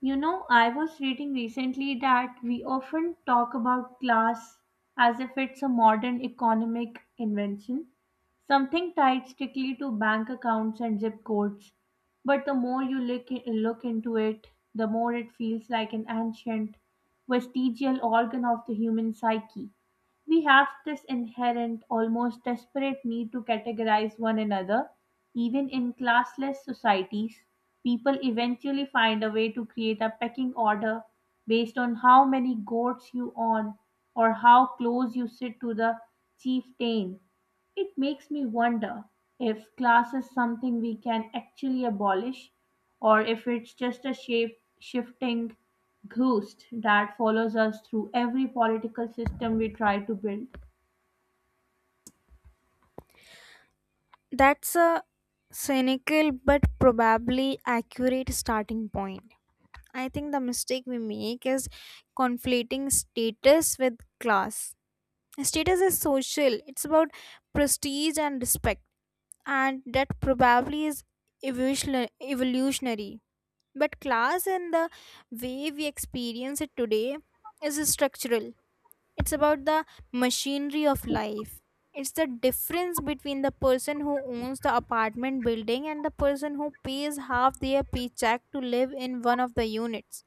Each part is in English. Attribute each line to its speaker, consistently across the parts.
Speaker 1: You know, I was reading recently that we often talk about class as if it's a modern economic invention, something tied strictly to bank accounts and zip codes. But the more you look into it, the more it feels like an ancient, vestigial organ of the human psyche. We have this inherent, almost desperate need to categorize one another. Even in classless societies, people eventually find a way to create a pecking order based on how many goats you own or how close you sit to the chieftain. It makes me wonder if class is something we can actually abolish or if it's just a shape shifting ghost that follows us through every political system we try to build.
Speaker 2: That's a cynical but probably accurate starting point. I think the mistake we make is conflating status with class. Status is social, it's about prestige and respect, and that probably is evolutionary. But class and the way we experience it today is structural. It's about the machinery of life. It's the difference between the person who owns the apartment building and the person who pays half their paycheck to live in one of the units.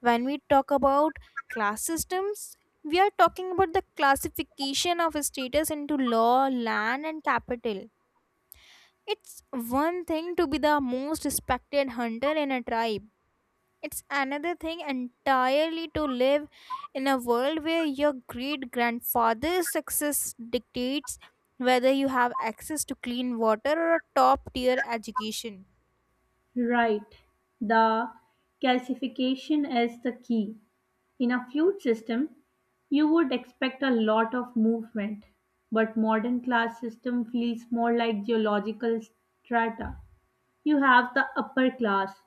Speaker 2: When we talk about class systems, we are talking about the classification of status into law, land, and capital. It's one thing to be the most respected hunter in a tribe. It's another thing entirely to live in a world where your great grandfather's success dictates whether you have access to clean water or a top tier education.
Speaker 1: Right. The calcification is the key. In a feud system, you would expect a lot of movement, but modern class system feels more like geological strata. You have the upper class,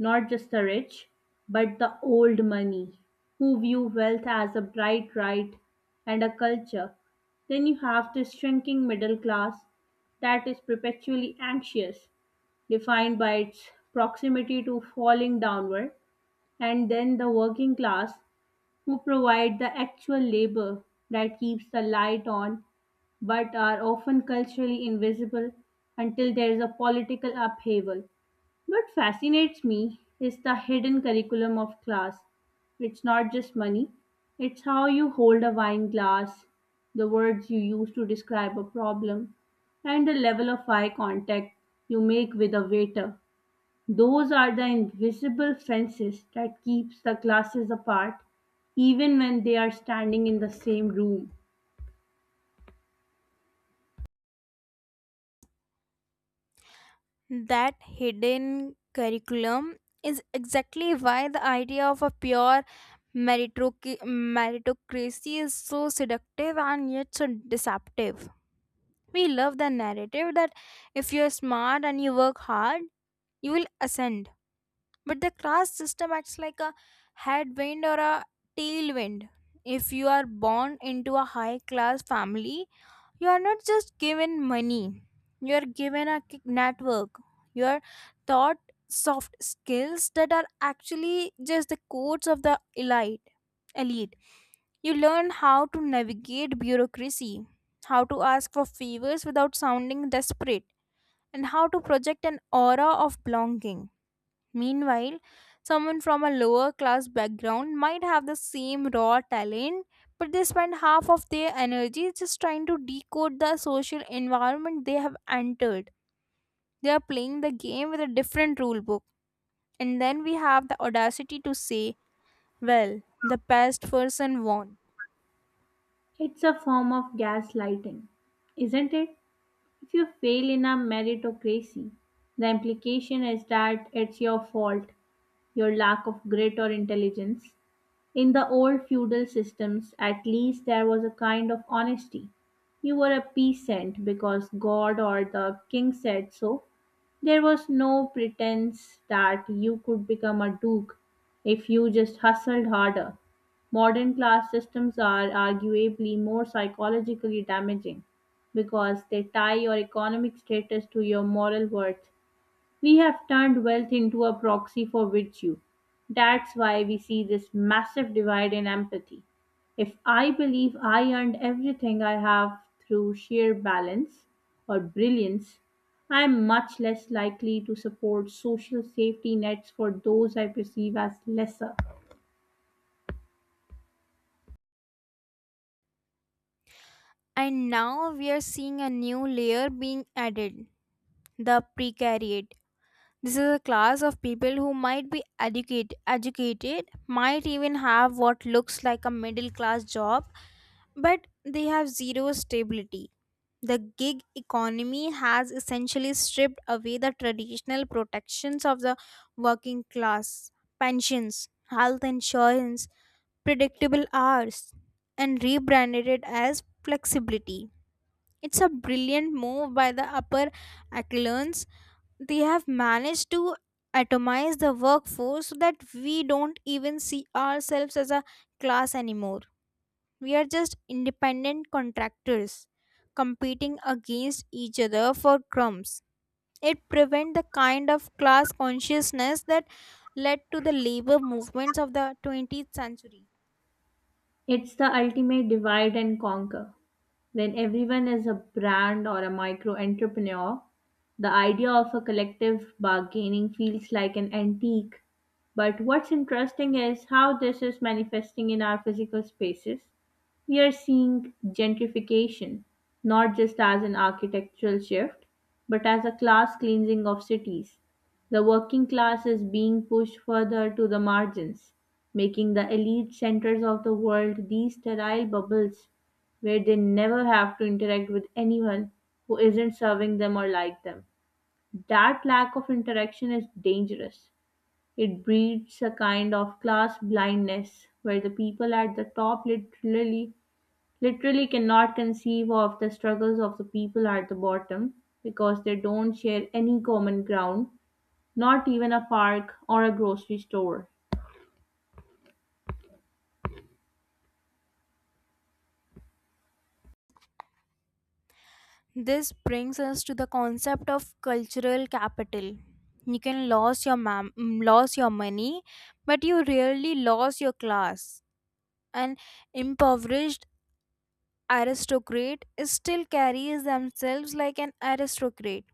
Speaker 1: not just the rich, but the old money, who view wealth as a bright right and a culture. Then you have this shrinking middle class that is perpetually anxious, defined by its proximity to falling downward, and then the working class who provide the actual labor that keeps the light on but are often culturally invisible until there is a political upheaval. What fascinates me is the hidden curriculum of class. It's not just money, it's how you hold a wine glass, the words you use to describe a problem, and the level of eye contact you make with a waiter. Those are the invisible fences that keeps the classes apart even when they are standing in the same room.
Speaker 2: That hidden curriculum is exactly why the idea of a pure meritocracy is so seductive and yet so deceptive. We love the narrative that if you're smart and you work hard, you will ascend, but the class system acts like a headwind or a tailwind. If you are born into a high class family, you are not just given money, you are given a network, you are taught soft skills that are actually just the codes of the elite elite. You learn how to navigate bureaucracy, how to ask for favors without sounding desperate, and how to project an aura of belonging. Meanwhile, someone from a lower class background might have the same raw talent, but they spend half of their energy just trying to decode the social environment they have entered. They are playing the game with a different rule book. And then we have the audacity to say, well, the best person won.
Speaker 1: It's a form of gaslighting, isn't it? If you fail in a meritocracy, the implication is that it's your fault, your lack of grit or intelligence. In the old feudal systems, at least, there was a kind of honesty. You were a peasant because God or the king said so. There was no pretense that you could become a duke if you just hustled harder. Modern class systems are arguably more psychologically damaging because they tie your economic status to your moral worth. We have turned wealth into a proxy for virtue. That's why we see this massive divide in empathy. If I believe I earned everything I have through sheer balance or brilliance, I am much less likely to support social safety nets for those I perceive as lesser.
Speaker 2: And now we are seeing a new layer being added, the precariat. This is a class of people who might be educated, might even have what looks like a middle class job, but they have zero stability. The gig economy has essentially stripped away the traditional protections of the working class: pensions, health insurance, predictable hours, and rebranded it as flexibility. It's a brilliant move by the upper echelons. They have managed to atomize the workforce so that we don't even see ourselves as a class anymore. We are just independent contractors competing against each other for crumbs. It prevents the kind of class consciousness that led to the labor movements of the 20th century.
Speaker 1: It's the ultimate divide and conquer. When everyone is a brand or a micro entrepreneur, the idea of a collective bargaining feels like an antique. But what's interesting is how this is manifesting in our physical spaces. We are seeing gentrification, not just as an architectural shift, but as a class cleansing of cities. The working class is being pushed further to the margins, making the elite centers of the world these sterile bubbles where they never have to interact with anyone who isn't serving them or like them. That lack of interaction is dangerous. It breeds a kind of class blindness where the people at the top literally cannot conceive of the struggles of the people at the bottom because they don't share any common ground, not even a park or a grocery store.
Speaker 2: This brings us to the concept of cultural capital. You can lose your lose your money, but you rarely lose your class. An impoverished aristocrat still carries themselves like an aristocrat.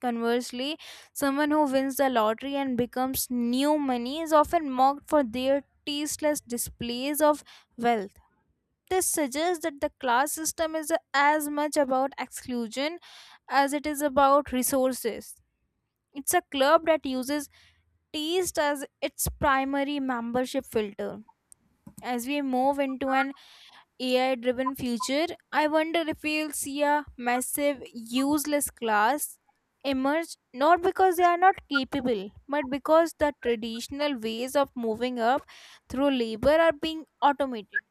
Speaker 2: Conversely, someone who wins the lottery and becomes new money is often mocked for their tasteless displays of wealth. This suggests that the class system is as much about exclusion as it is about resources. It's a club that uses taste as its primary membership filter. As we move into an AI driven future, I wonder if we'll see a massive useless class emerge, not because they are not capable, but because the traditional ways of moving up through labor are being automated.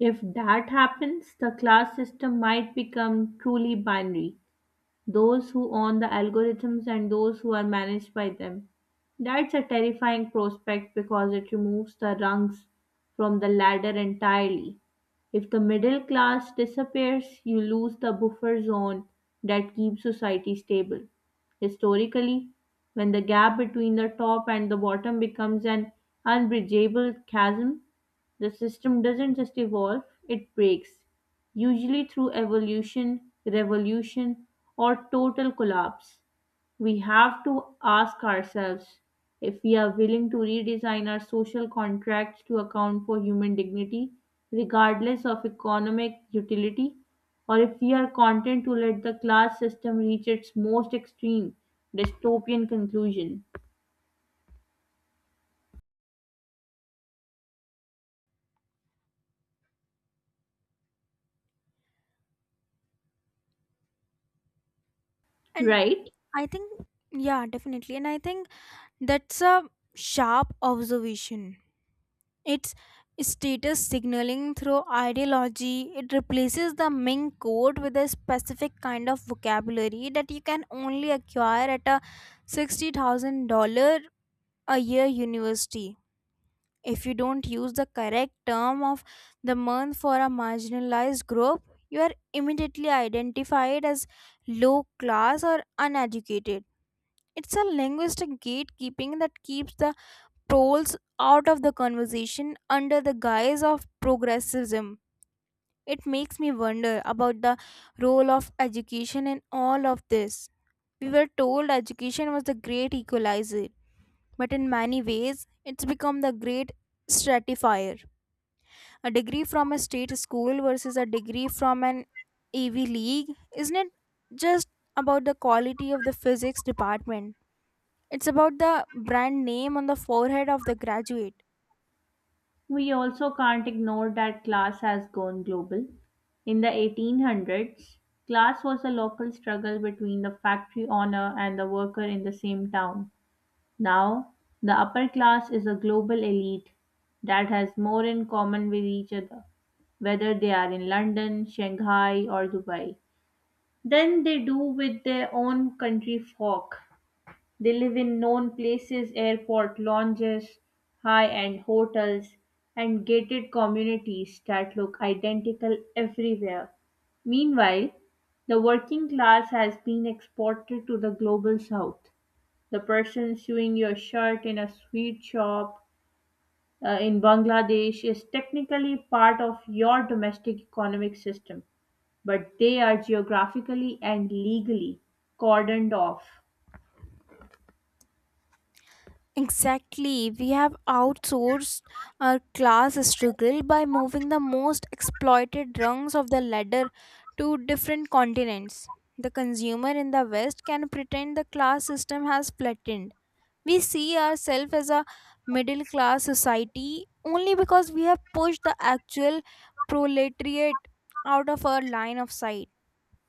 Speaker 1: If that happens, the class system might become truly binary, those who own the algorithms and those who are managed by them. That's a terrifying prospect because it removes the rungs from the ladder entirely. If the middle class disappears, you lose the buffer zone that keeps society stable. Historically, when the gap between the top and the bottom becomes an unbridgeable chasm, the system doesn't just evolve, it breaks, usually through evolution, revolution, or total collapse. We have to ask ourselves if we are willing to redesign our social contracts to account for human dignity, regardless of economic utility, or if we are content to let the class system reach its most extreme dystopian conclusion.
Speaker 2: And
Speaker 1: Right?
Speaker 2: I think, yeah, definitely. And I think that's a sharp observation. It's status signaling through ideology. It replaces the Ming code with a specific kind of vocabulary that you can only acquire at a $60,000 a year university. If you don't use the correct term of the month for a marginalized group, you are immediately identified as low class or uneducated. It's a linguistic gatekeeping that keeps the trolls out of the conversation under the guise of progressivism. It makes me wonder about the role of education in all of this. We were told education was the great equalizer, but in many ways, it's become the great stratifier. A degree from a state school versus a degree from an AV league isn't it just about the quality of the physics department. It's about the brand name on the forehead of the graduate.
Speaker 1: We also can't ignore that class has gone global. In the 1800s, class was a local struggle between the factory owner and the worker in the same town. Now, the upper class is a global elite that has more in common with each other, whether they are in London, Shanghai, or Dubai, than they do with their own country folk. They live in known places, airport lounges, high-end hotels, and gated communities that look identical everywhere. Meanwhile, the working class has been exported to the global south. The person sewing your shirt in a sweet shop, in Bangladesh, is technically part of your domestic economic system, but they are geographically and legally cordoned off.
Speaker 2: Exactly. We have outsourced our class struggle by moving the most exploited rungs of the ladder to different continents. The consumer in the West can pretend the class system has flattened. We see ourselves as a middle class society only because we have pushed the actual proletariat out of our line of sight.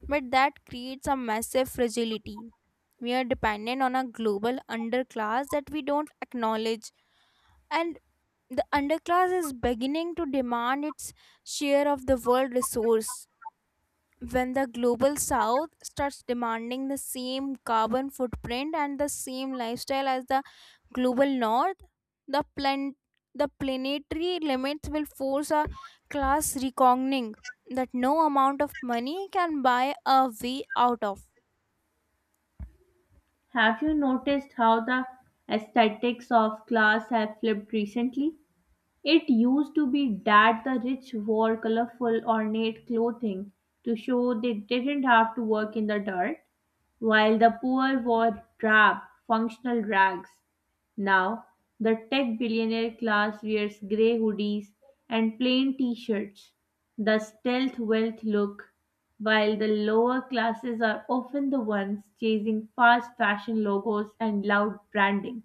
Speaker 2: But that creates a massive fragility. We are dependent on a global underclass that we don't acknowledge, and the underclass is beginning to demand its share of the world resource. When the global south starts demanding the same carbon footprint and the same lifestyle as the global north, the the planetary limits will force a class reckoning that no amount of money can buy a way out of.
Speaker 1: Have you noticed how the aesthetics of class have flipped recently? It used to be that the rich wore colorful, ornate clothing to show they didn't have to work in the dirt, while the poor wore drab, functional rags. Now, the tech billionaire class wears grey hoodies and plain t shirts, the stealth wealth look, while the lower classes are often the ones chasing fast fashion logos and loud branding.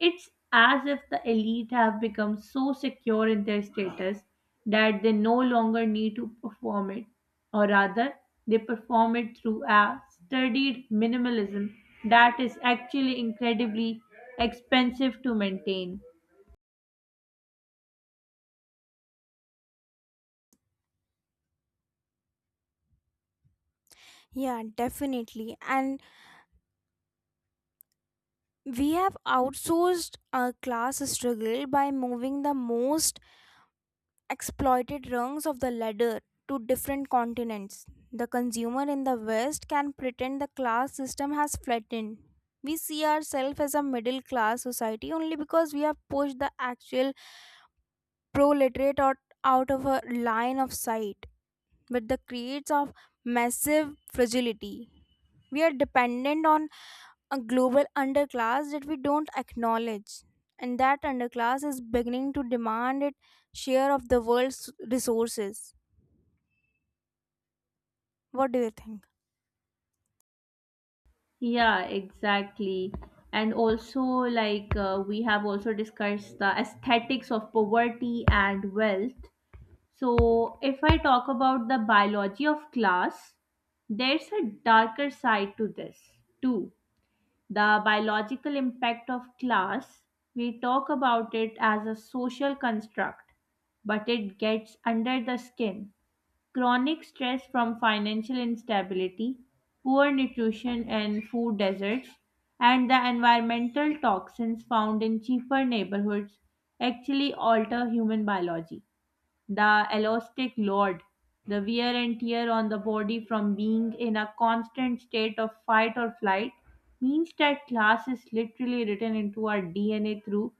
Speaker 1: It's as if the elite have become so secure in their status that they no longer need to perform it, or rather, they perform it through a studied minimalism that is actually incredibly expensive to maintain.
Speaker 2: Yeah, definitely. And we have outsourced our class struggle by moving the most exploited rungs of the ladder to different continents. The consumer in the West can pretend the class system has flattened. We see ourselves as a middle class society only because we have pushed the actual proletariat out of a line of sight. But the creates of massive fragility. We are dependent on a global underclass that we don't acknowledge. And that underclass is beginning to demand its share of the world's resources. What do you think?
Speaker 1: Yeah, exactly. And also, we have also discussed the aesthetics of poverty and wealth. So, if I talk about the biology of class, there's a darker side to this too. The biological impact of class, we talk about it as a social construct, but it gets under the skin. Chronic stress from financial instability, poor nutrition and food deserts, and the environmental toxins found in cheaper neighborhoods actually alter human biology, the elastic load, the wear and tear on the body from being in a constant state of fight or flight, means that class is literally written into our DNA through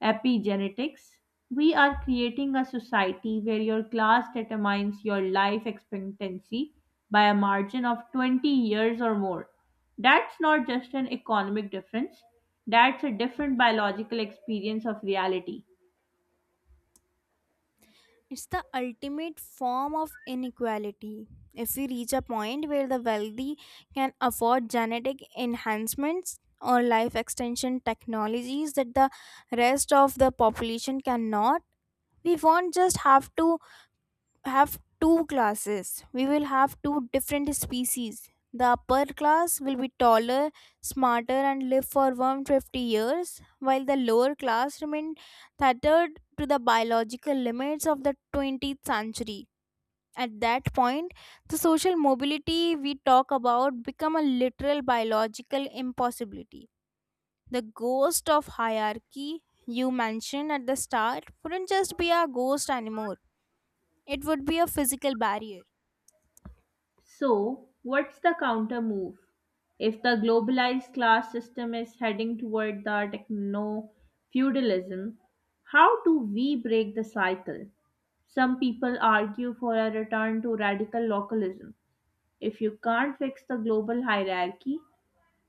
Speaker 1: epigenetics. We are creating a society where your class determines your life expectancy by a margin of 20 years or more. That's not just an economic difference, that's a different biological experience of reality.
Speaker 2: It's the ultimate form of inequality. If we reach a point where the wealthy can afford genetic enhancements or life extension technologies that the rest of the population cannot, we won't just have two classes. We will have two different species. The upper class will be taller, smarter, and live for 150 years, while the lower class remain tethered to the biological limits of the 20th century. At that point, the social mobility we talk about become a literal biological impossibility. The ghost of hierarchy you mentioned at the start wouldn't just be a ghost anymore. It would be a physical barrier.
Speaker 1: So, what's the counter move? If the globalized class system is heading toward the techno feudalism, how do we break the cycle? Some people argue for a return to radical localism. If you can't fix the global hierarchy,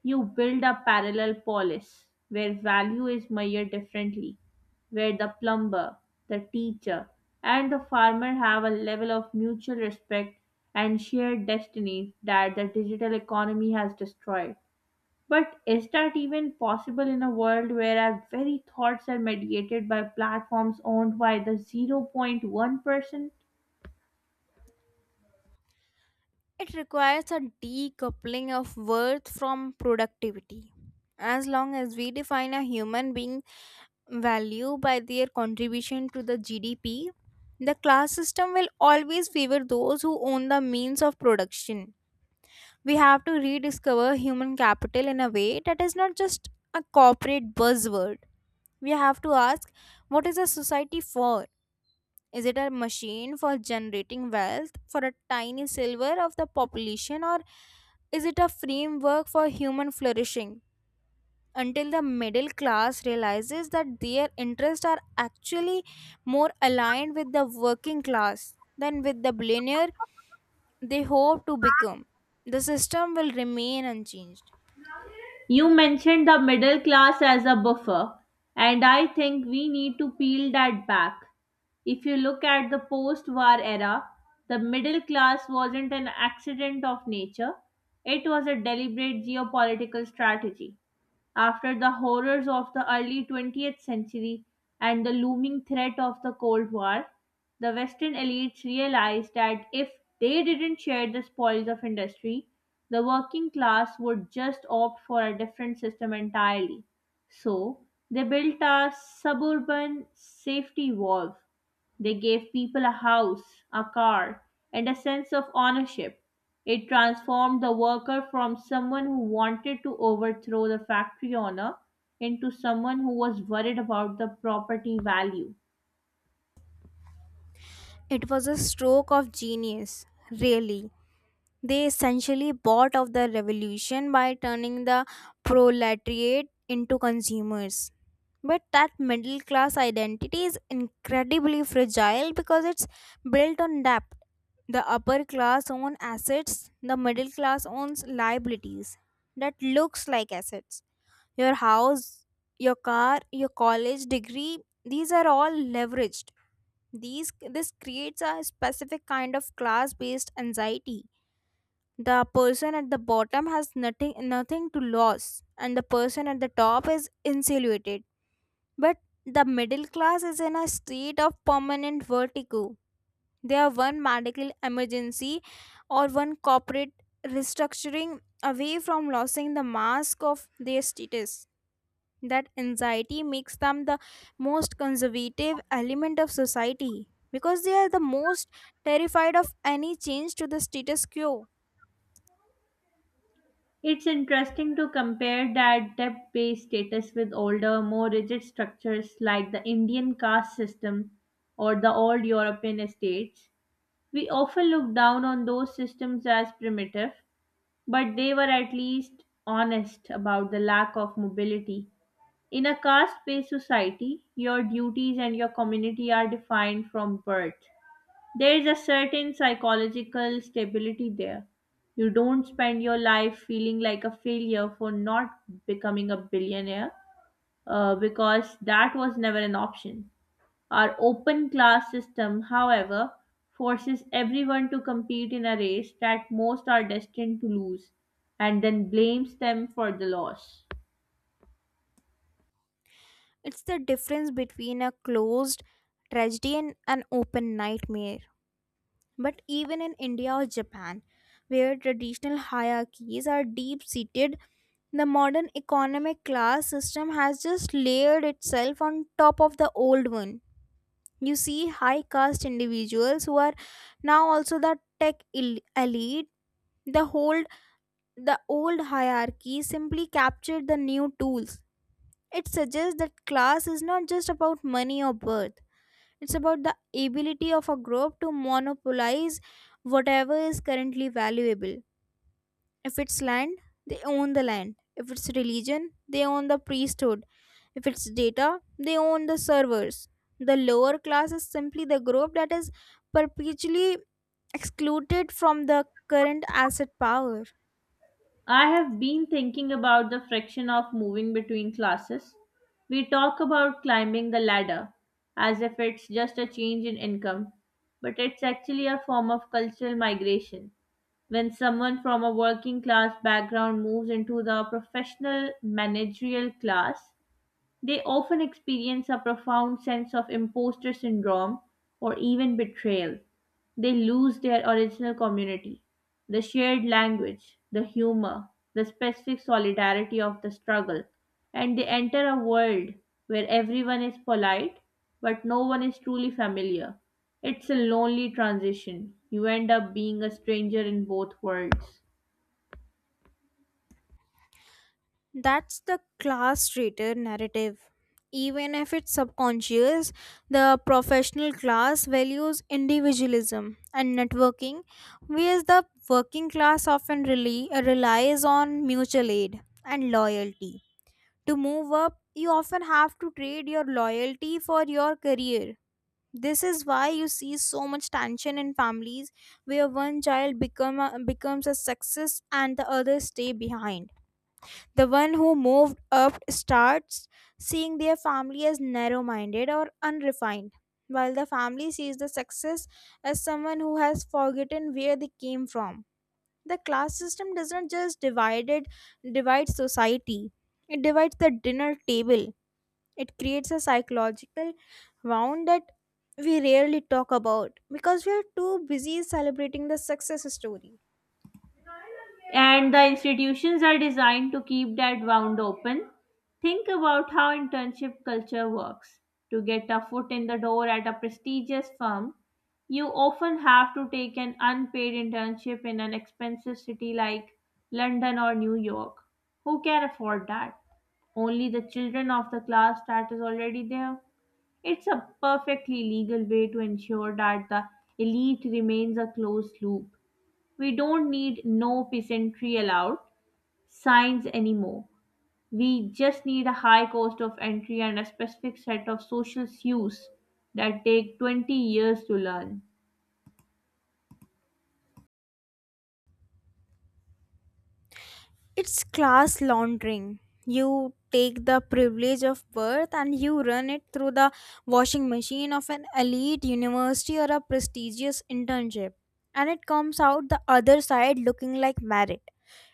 Speaker 1: you build a parallel polis where value is measured differently, where the plumber, the teacher, and the farmer have a level of mutual respect and shared destiny that the digital economy has destroyed. But is that even possible in a world where our very thoughts are mediated by platforms owned by the 0.1%?
Speaker 2: It requires a decoupling of worth from productivity. As long as we define a human being value by their contribution to the GDP, the class system will always favor those who own the means of production. We have to rediscover human capital in a way that is not just a corporate buzzword. We have to ask, what is a society for? Is it a machine for generating wealth for a tiny silver of the population, or is it a framework for human flourishing? Until the middle class realizes that their interests are actually more aligned with the working class than with the billionaire they hope to become, the system will remain unchanged.
Speaker 1: You mentioned the middle class as a buffer, and I think we need to peel that back. If you look at the post war era, the middle class wasn't an accident of nature, it was a deliberate geopolitical strategy. After the horrors of the early 20th century and the looming threat of the Cold War, the Western elites realized that if they didn't share the spoils of industry, the working class would just opt for a different system entirely. So, they built a suburban safety valve. They gave people a house, a car, and a sense of ownership. It transformed the worker from someone who wanted to overthrow the factory owner into someone who was worried about the property value.
Speaker 2: It was a stroke of genius, really. They essentially bought off the revolution by turning the proletariat into consumers. But that middle class identity is incredibly fragile because it's built on debt. The upper class owns assets, the middle class owns liabilities that looks like assets. Your house, your car, your college degree, these are all leveraged. These this creates a specific kind of class based anxiety. The person at the bottom has nothing to lose and the person at the top is insulated, but the middle class is in a state of permanent vertigo. They are one medical emergency or one corporate restructuring away from losing the mask of their status. That anxiety makes them the most conservative element of society because they are the most terrified of any change to the status quo.
Speaker 1: It's interesting to compare that debt based status with older, more rigid structures like the Indian caste system or the old European estates. We often look down on those systems as primitive, but they were at least honest about the lack of mobility. In a caste based society, your duties and your community are defined from birth. There is a certain psychological stability there. You don't spend your life feeling like a failure for not becoming a billionaire, because that was never an option. Our open class system, however, forces everyone to compete in a race that most are destined to lose and then blames them for the loss.
Speaker 2: It's the difference between a closed tragedy and an open nightmare. But even in India or Japan, where traditional hierarchies are deep seated, the modern economic class system has just layered itself on top of the old one. You see high caste individuals who are now also the tech elite. The whole the old hierarchy simply captured the new tools. It suggests that class is not just about money or birth. It's about the ability of a group to monopolize whatever is currently valuable. If it's land, they own the land. If it's religion, they own the priesthood. If it's data, they own the servers. The lower class is simply the group that is perpetually excluded from the current asset power.
Speaker 1: I have been thinking about the friction of moving between classes. We talk about climbing the ladder as if it's just a change in income, but it's actually a form of cultural migration. When someone from a working class background moves into the professional managerial class, they often experience a profound sense of imposter syndrome or even betrayal. They lose their original community, the shared language, the humor, the specific solidarity of the struggle, and they enter a world where everyone is polite but no one is truly familiar. It's a lonely transition. You end up being a stranger in both worlds.
Speaker 2: That's the class traitor narrative. Even if it's subconscious, the professional class values individualism and networking, whereas the working class often relies on mutual aid and loyalty. To move up, you often have to trade your loyalty for your career. This is why you see so much tension in families where one child becomes a success and the others stay behind. The one who moved up starts seeing their family as narrow minded or unrefined, while the family sees the success as someone who has forgotten where they came from. The class system doesn't just divide society. It divides the dinner table. It creates a psychological wound that we rarely talk about because we are too busy celebrating the success story.
Speaker 1: And the institutions are designed to keep that wound open. Think about how internship culture works. To get a foot in the door at a prestigious firm, you often have to take an unpaid internship in an expensive city like London or New York. Who can afford that? Only the children of the class that is already there. It's a perfectly legal way to ensure that the elite remains a closed loop. We don't need no peasantry allowed, science anymore. We just need a high cost of entry and a specific set of social cues that take 20 years to learn.
Speaker 2: It's class laundering. You take the privilege of birth and you run it through the washing machine of an elite university or a prestigious internship. And it comes out the other side looking like merit.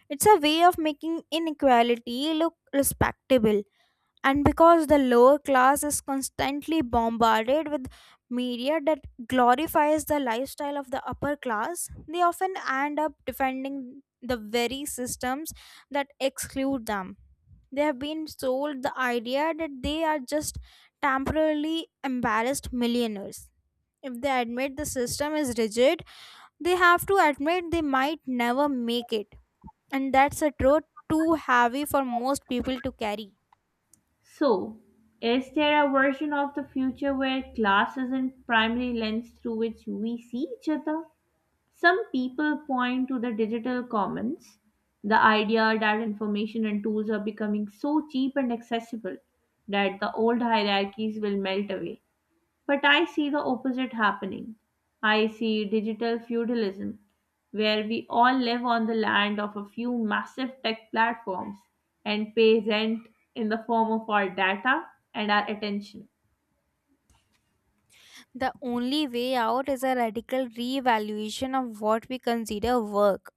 Speaker 2: It's a way of making inequality look respectable, and because the lower class is constantly bombarded with media that glorifies the lifestyle of the upper class, they often end up defending the very systems that exclude them. They have been sold the idea that they are just temporarily embarrassed millionaires. If they admit the system is rigid, they have to admit they might never make it, and that's a truth too heavy for most people to carry.
Speaker 1: So, is there a version of the future where class isn't primary lens through which we see each other? Some people point to the digital commons, the idea that information and tools are becoming so cheap and accessible that the old hierarchies will melt away. But I see the opposite happening. I see digital feudalism, where we all live on the land of a few massive tech platforms and pay rent in the form of our data and our attention.
Speaker 2: The only way out is a radical reevaluation of what we consider work.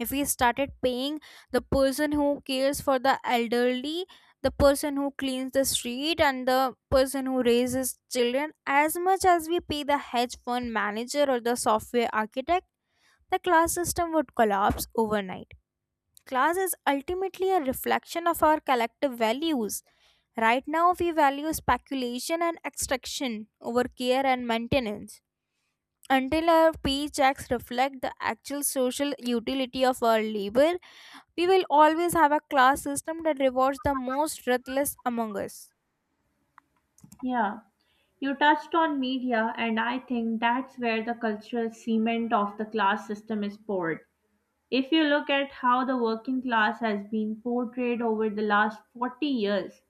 Speaker 2: If we started paying the person who cares for the elderly, the person who cleans the street, and the person who raises children as much as we pay the hedge fund manager or the software architect, the class system would collapse overnight. Class is ultimately a reflection of our collective values. Right now, we value speculation and extraction over care and maintenance. Until our paychecks reflect the actual social utility of our labor, we will always have a class system that rewards the most ruthless among us.
Speaker 1: Yeah. You touched on media, and I think that's where the cultural cement of the class system is poured. If you look at how the working class has been portrayed over the last 40 years,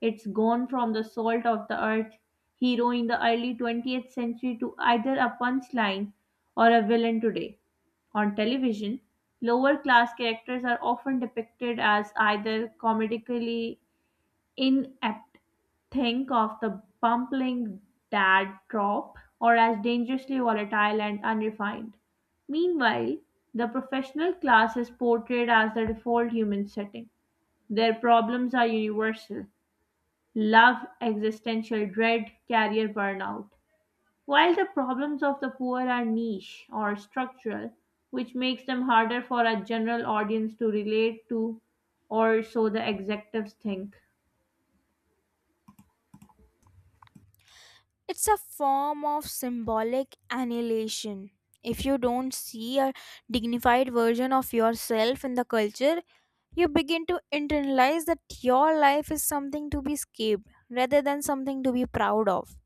Speaker 1: it's gone from the salt of the earth hero in the early 20th century to either a punchline or a villain today. On television, lower class characters are often depicted as either comedically inept, think of the bumbling dad drop, or as dangerously volatile and unrefined. Meanwhile, the professional class is portrayed as the default human setting. Their problems are universal, love, existential dread, career burnout. While the problems of the poor are niche or structural, which makes them harder for a general audience to relate to, or so the executives think.
Speaker 2: It's a form of symbolic annihilation. If you don't see a dignified version of yourself in the culture, you begin to internalize that your life is something to be escaped rather than something to be proud of.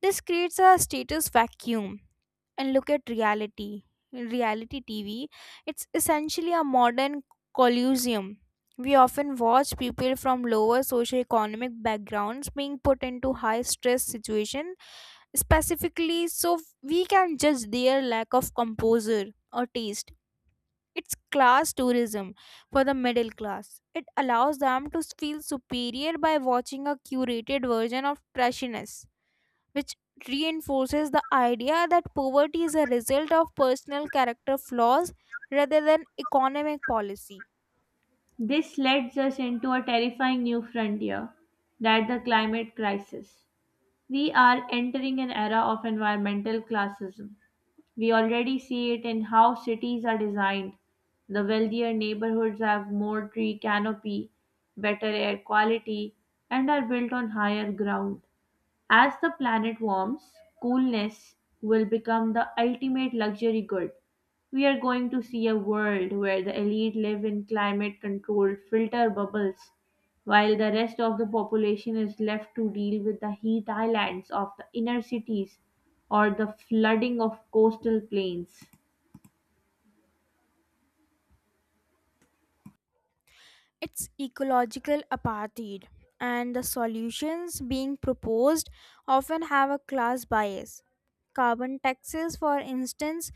Speaker 2: This creates a status vacuum. And look at reality. Reality TV, it's essentially a modern colosseum. We often watch people from lower socioeconomic backgrounds being put into high stress situations specifically so we can judge their lack of composure or taste. It's class tourism for the middle class. It allows them to feel superior by watching a curated version of trashiness, which reinforces the idea that poverty is a result of personal character flaws rather than economic policy.
Speaker 1: This leads us into a terrifying new frontier, that the climate crisis. We are entering an era of environmental classism. We already see it in how cities are designed. The wealthier neighborhoods have more tree canopy, better air quality, and are built on higher ground. As the planet warms, coolness will become the ultimate luxury good. We are going to see a world where the elite live in climate controlled filter bubbles, while the rest of the population is left to deal with the heat islands of the inner cities or the flooding of coastal plains.
Speaker 2: It's ecological apartheid, and the solutions being proposed often have a class bias. Carbon taxes, for instance,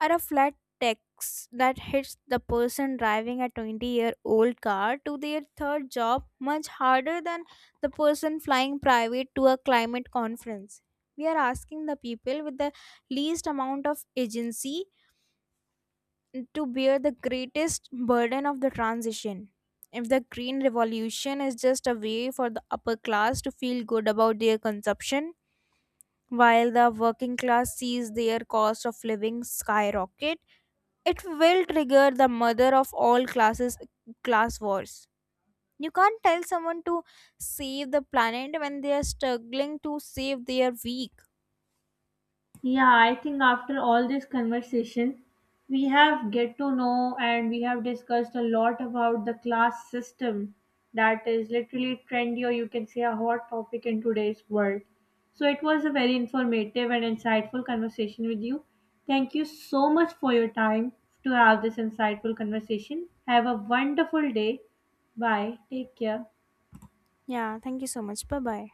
Speaker 2: or a flat tax that hits the person driving a 20-year-old car to their third job much harder than the person flying private to a climate conference. We are asking the people with the least amount of agency to bear the greatest burden of the transition. If the green revolution is just a way for the upper class to feel good about their consumption, while the working class sees their cost of living skyrocket, it will trigger the mother of all class wars. You can't tell someone to save the planet when they are struggling to save their week.
Speaker 1: Yeah, I think after all this conversation, we have get to know and we have discussed a lot about the class system that is literally trendy, or you can say a hot topic in today's world. So it was a very informative and insightful conversation with you. Thank you so much for your time to have this insightful conversation. Have a wonderful day. Bye. Take care.
Speaker 2: Yeah, thank you so much. Bye bye.